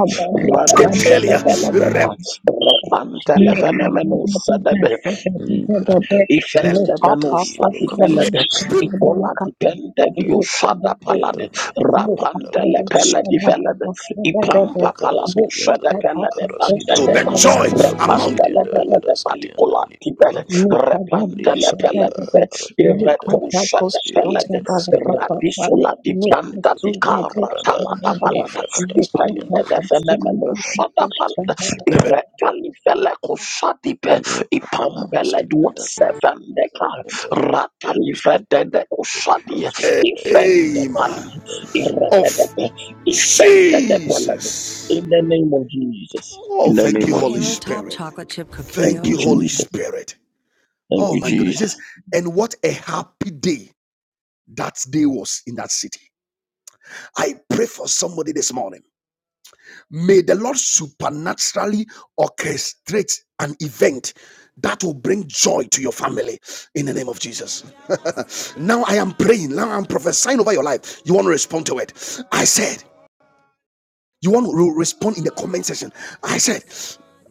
Libra
Rado shadebe la
up
Skydianda
deva.
Libra
Repante levele no shadebe
Libranda
ifende
Oskidianta
venusa
Libro
di
May
pelede
Cabroskidianta
people
ipola di pente di usada palade
Libro Libro Cabranda
rapante le pele di
Catoskidianta
velede
Libra
ipampa paladu
Cadoskidianta
sede
Libro
pelede fante
Cadoskidianta
de da,
be joy
Libra
among
repante le
Cabroskidianta
pele de
Cadaskidianta
palicula di
Libro
pele
Cabra
repante le
Libra
pele di
Cada
pe
Cadoskidianta
irreto sede
Licataskidianta
pelede
Cadaskidianta
radisula di
Skidianta
planta di
Libra
cara
Cabranda
talada palada
Libra Catoskidianta
ipende de
Libro
fenomeno
Cabranda
sada palada
Catoskidianta
the
irretali vele kusadipe
Libra Cabra
Ipambeled was
Cabroskidianta
seven deca ratalifede de ushadi ifende
Amen.
pali
Of
irrededebe ifende de pelebe.
Jesus.
In the name of Jesus.
Oh,
In the
thank
name
you,
of
Holy
Jesus.
Spirit.
Thank
Thank
you,
you, Holy
Jesus.
Spirit.
Thank
Oh
you,
my goodness.
Jesus.
and what a happy day that day was in that city. I pray for somebody this morning. May the Lord supernaturally orchestrate an event that will bring joy to your family in the name of Jesus. now I am praying, now I'm prophesying over your life. You want to respond to it. I said, you want to respond in the comment section. I said,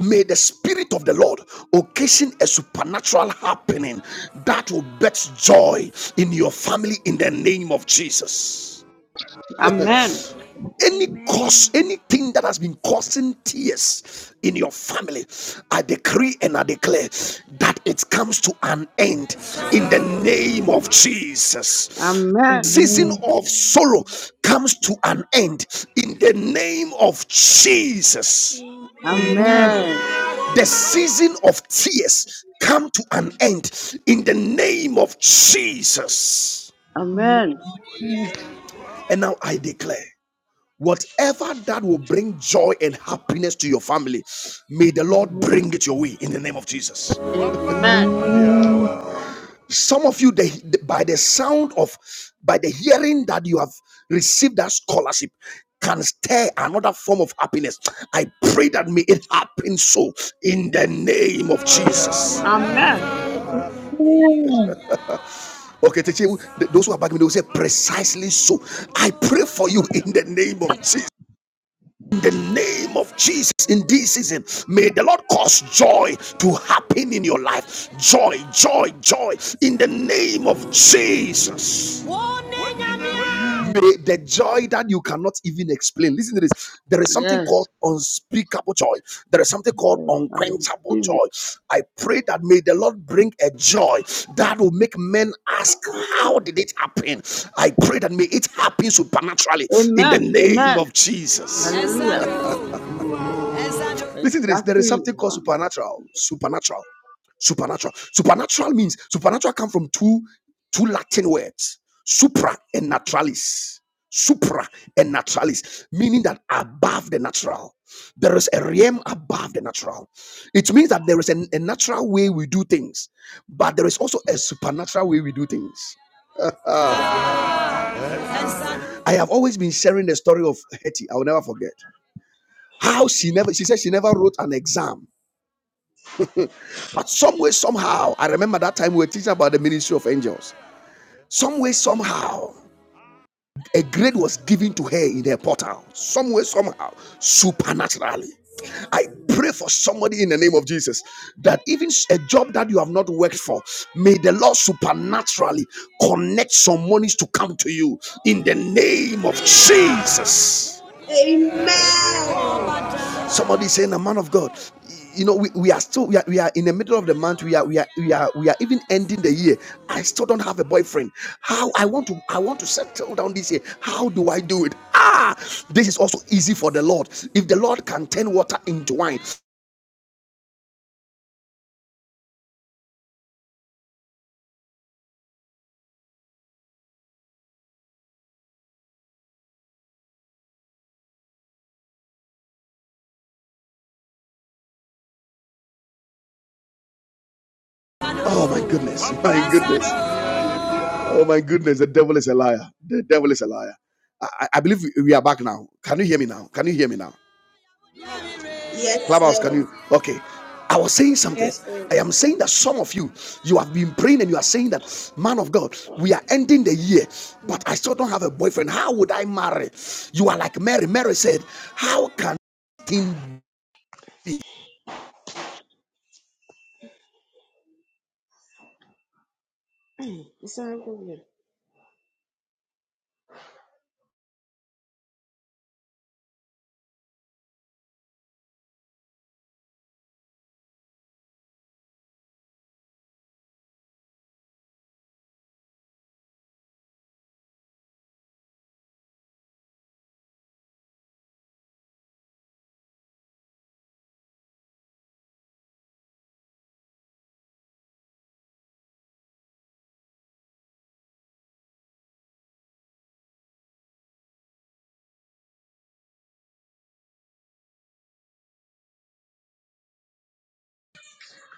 May the Spirit of the Lord occasion a supernatural happening that will bet joy in your family in the name of Jesus
Amen.
any cause,
Amen.
anything that has been causing tears in your family, I decree and I declare that it comes to an end in the name of Jesus.
Amen.
Season
Make
Amen.
of sorrow
Amen.
comes to an end in the name of Jesus.
In
Amen.
Amen.
Jesus'
The
name.
season of tears come to an end in the name of Jesus.
Amen.
Amen.
In
And now I declare. Whatever that will bring joy and happiness to your family, may the
the
Lord
name of
bring it
Jesus.
your way in the name of Jesus.
Amen.
Amen.
Some of you, the, the- by the sound of, by the hearing that you have received that scholarship, can stir another form of happiness. I pray that may it happen so in the name of Jesus.
Amen.
Okay, those who are back, me, they will say precisely so. I pray for you in the name of Jesus. in the name of Jesus in this season. May the Lord cause joy to happen in your life. Joy, joy, joy in the name of Jesus.
Amen.
May the joy that you cannot even explain. Listen to this. There is something
Yes.
called unspeakable joy. There is something called
Yes, I
unquenchable
receive
joy. I pray that may the Lord bring a joy that will make men ask, How did it happen? I pray that may it happen supernaturally
it.
in the
Amen.
name
Amen.
of Jesus.
Hallelujah.
Listen to this. There is something called
Exactly.
supernatural. Supernatural. Supernatural. Supernatural means supernatural come from two two Latin words. Supra and naturalis. Supra and naturalis, meaning that above the natural. There is a realm above the natural. It means that there is an- a natural way we do things, but there is also a supernatural way we do things. I have always been sharing the story of Hetty. I will never forget how she never. She said she never wrote an exam But some way, somehow, I remember that time we were teaching about the ministry of angels. Some way, somehow, a grade was given to her in her portal. Some way, somehow, supernaturally. I pray for somebody in the name of Jesus that even a job that you have not worked for, may the Lord supernaturally connect some monies to come to you in the name of Jesus.
Amen.
Somebody saying a man of God. You know, we, we are still we are, we are in the middle of the month. We are we are we are we are even ending the year. I still don't have a boyfriend. How I want to I want to settle down this year. How do I do it? Ah, this is also easy for the Lord. If the Lord can turn water into wine, oh my goodness, my goodness, oh my goodness, the devil is a liar. The devil is a liar. I, I believe we are back now. Can you hear me now? Can you hear me now?
Yes,
Clubhouse, can
sir.
you? Okay. I was saying something.
Yes,
I
please.
am saying that some of you, you have been praying and you are saying that, man of God, we are ending the year, but I still don't have a boyfriend. How would I marry? You are like Mary. Mary said, How can in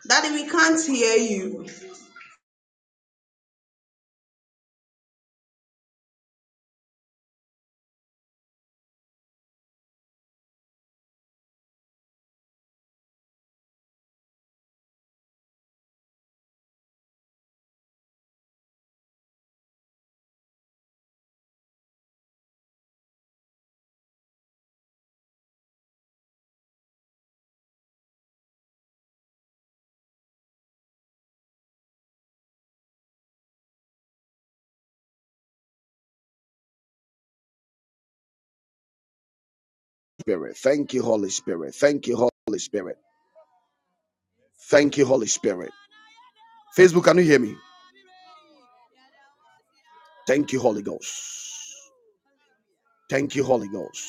Daddy, we can't hear you.
spirit? Thank you, Holy Spirit. Thank you, Holy Spirit. Thank you, Holy Spirit. Facebook, can you hear me? Thank you, Holy Ghost. Thank you, Holy Ghost.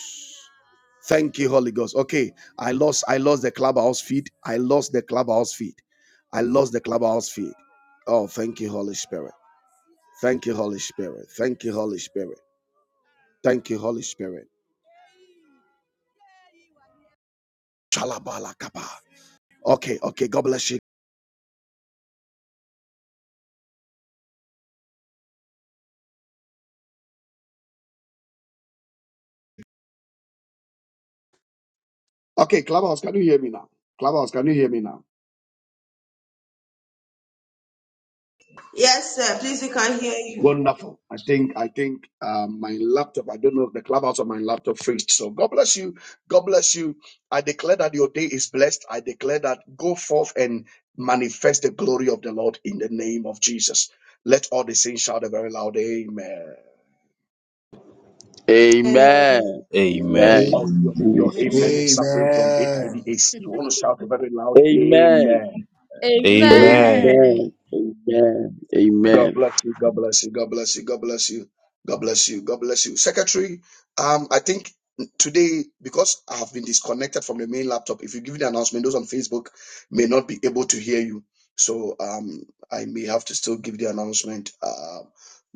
Thank you, Holy Ghost. Okay, I lost. I lost the clubhouse feed. I lost the clubhouse feed. I lost the clubhouse feed. Oh, thank you, Holy Spirit. Thank you, Holy Spirit. Thank you, Holy Spirit. Thank you, Holy Spirit. Shalabalakaba. Okay, okay. God bless you. Okay, clubhouse, can you hear me now? Clubhouse, can you hear me now?
Yes, sir. Please, we can't hear you.
Amen.
Wonderful. I think I think um, my laptop. I don't know if the clubhouse on my laptop fixed. So God bless you. God bless you. I declare that your day is blessed. I declare that go forth and manifest the glory of the Lord in the name of Jesus. Let all the saints shout a very loud amen.
Uh,
Amen. Amen.
Amen.
A-
Oh, your, your amen
Jesus.
is suffering from
Amen.
HIV. You want to shout a very loud
Amen.
amen.
Hmm.
Amen.
Amen. Amen.
God
Amen.
bless you. God bless you. God bless you. God bless you. God bless you. God bless you. Secretary, um, I think today, because I have been disconnected from the main laptop, if you give the announcement, those on Facebook may not be able to hear you. So um, I may have to still give the announcement. Um,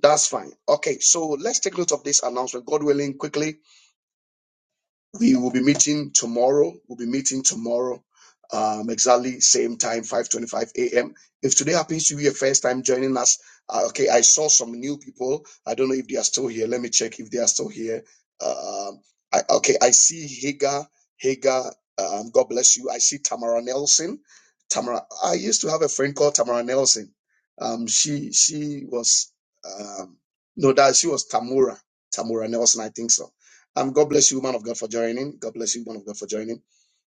that's fine. Okay, so let's take note of this announcement. God willing, quickly. We will be meeting tomorrow. We'll be meeting tomorrow, um, exactly same time, 5:25 a.m. If today happens to be your first time joining us, uh, okay, I saw some new people. I don't know if they are still here. Let me check if they are still here. Um, I, okay, I see Hagar. Hagar, um, God bless you. I see Tamara Nelson. Tamara, I used to have a friend called Tamara Nelson. Um, she she was um, no, that she was Tamura. Tamura Nelson, I think so um, God bless you, man of God, for joining. God bless you, man of God, for joining.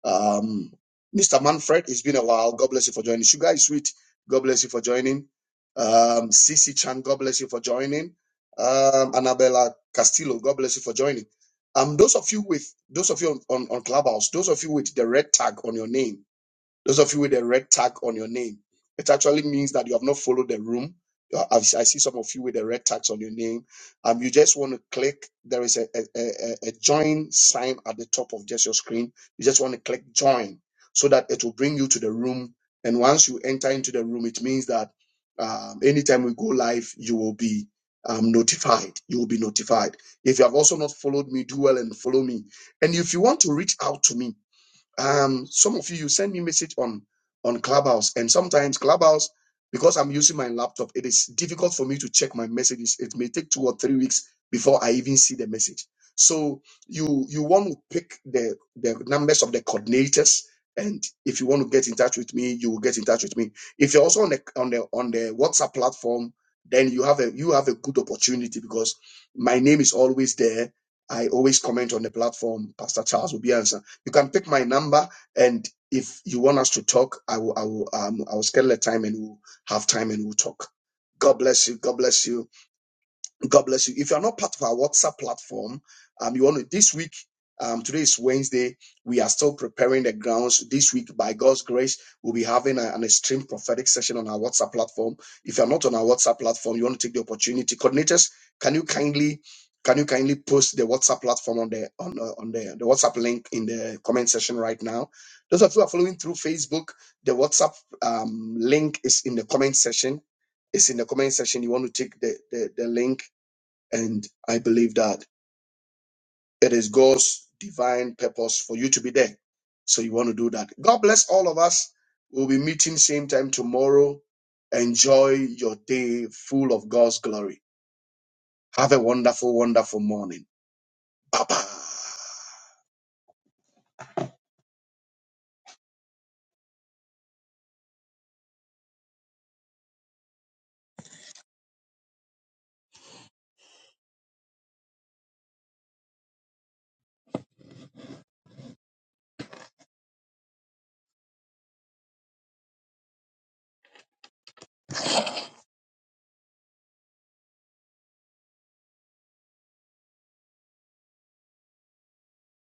Um, Mr. Manfred, it's been a while. God bless you for joining. Sugar is sweet. God bless you for joining. Um, Cici Chan, God bless you for joining. Um, Annabella Castillo, God bless you for joining. Um, those of you with those of you on, on, on Clubhouse, those of you with the red tag on your name, those of you with a red tag on your name, it actually means that you have not followed the room. You are- I I see some of you with the red tags on your name. Um, you just want to click. There is a, a, a, a join sign at the top of just your screen. You just want to click join so that it will bring you to the room. And once you enter into the room, it means that um, anytime we go live, you will be um, notified. You will be notified. If you have also not followed me, do well and follow me. And if you want to reach out to me, um, some of you, you send me message on on Clubhouse, and sometimes Clubhouse, because I'm using my laptop, it is difficult for me to check my messages. It may take two or three weeks before I even see the message. So you you want to pick the the numbers of the coordinators, and if you want to get in touch with me, you will get in touch with me. If you're also on the on the on the WhatsApp platform, then you have a you have a good opportunity because my name is always there. I always comment on the platform. Pastor Charles Obiansa you can pick my number, and if you want us to talk, I will I will um I will schedule a time and we'll have time and we'll talk. God bless you. God bless you. God bless you. If you are not part of our WhatsApp platform, um, you want to this week. Um, today is Wednesday. We are still preparing the grounds. This week, by God's grace, we'll be having a- an extreme prophetic session on our WhatsApp platform. If you're not on our WhatsApp platform, you want to take the opportunity. Coordinators, can you kindly can you kindly post the WhatsApp platform on the on uh, on the, the WhatsApp link in the comment section right now? Those of you who are following through Facebook, the WhatsApp um, link is in the comment section. It's in the comment section. You want to take the, the, the link and I believe that it is God's divine purpose for you to be there. So you want to do that. God bless all of us. We'll be meeting same time tomorrow. Enjoy your day full of God's glory. Have a wonderful, wonderful morning. Bye bye.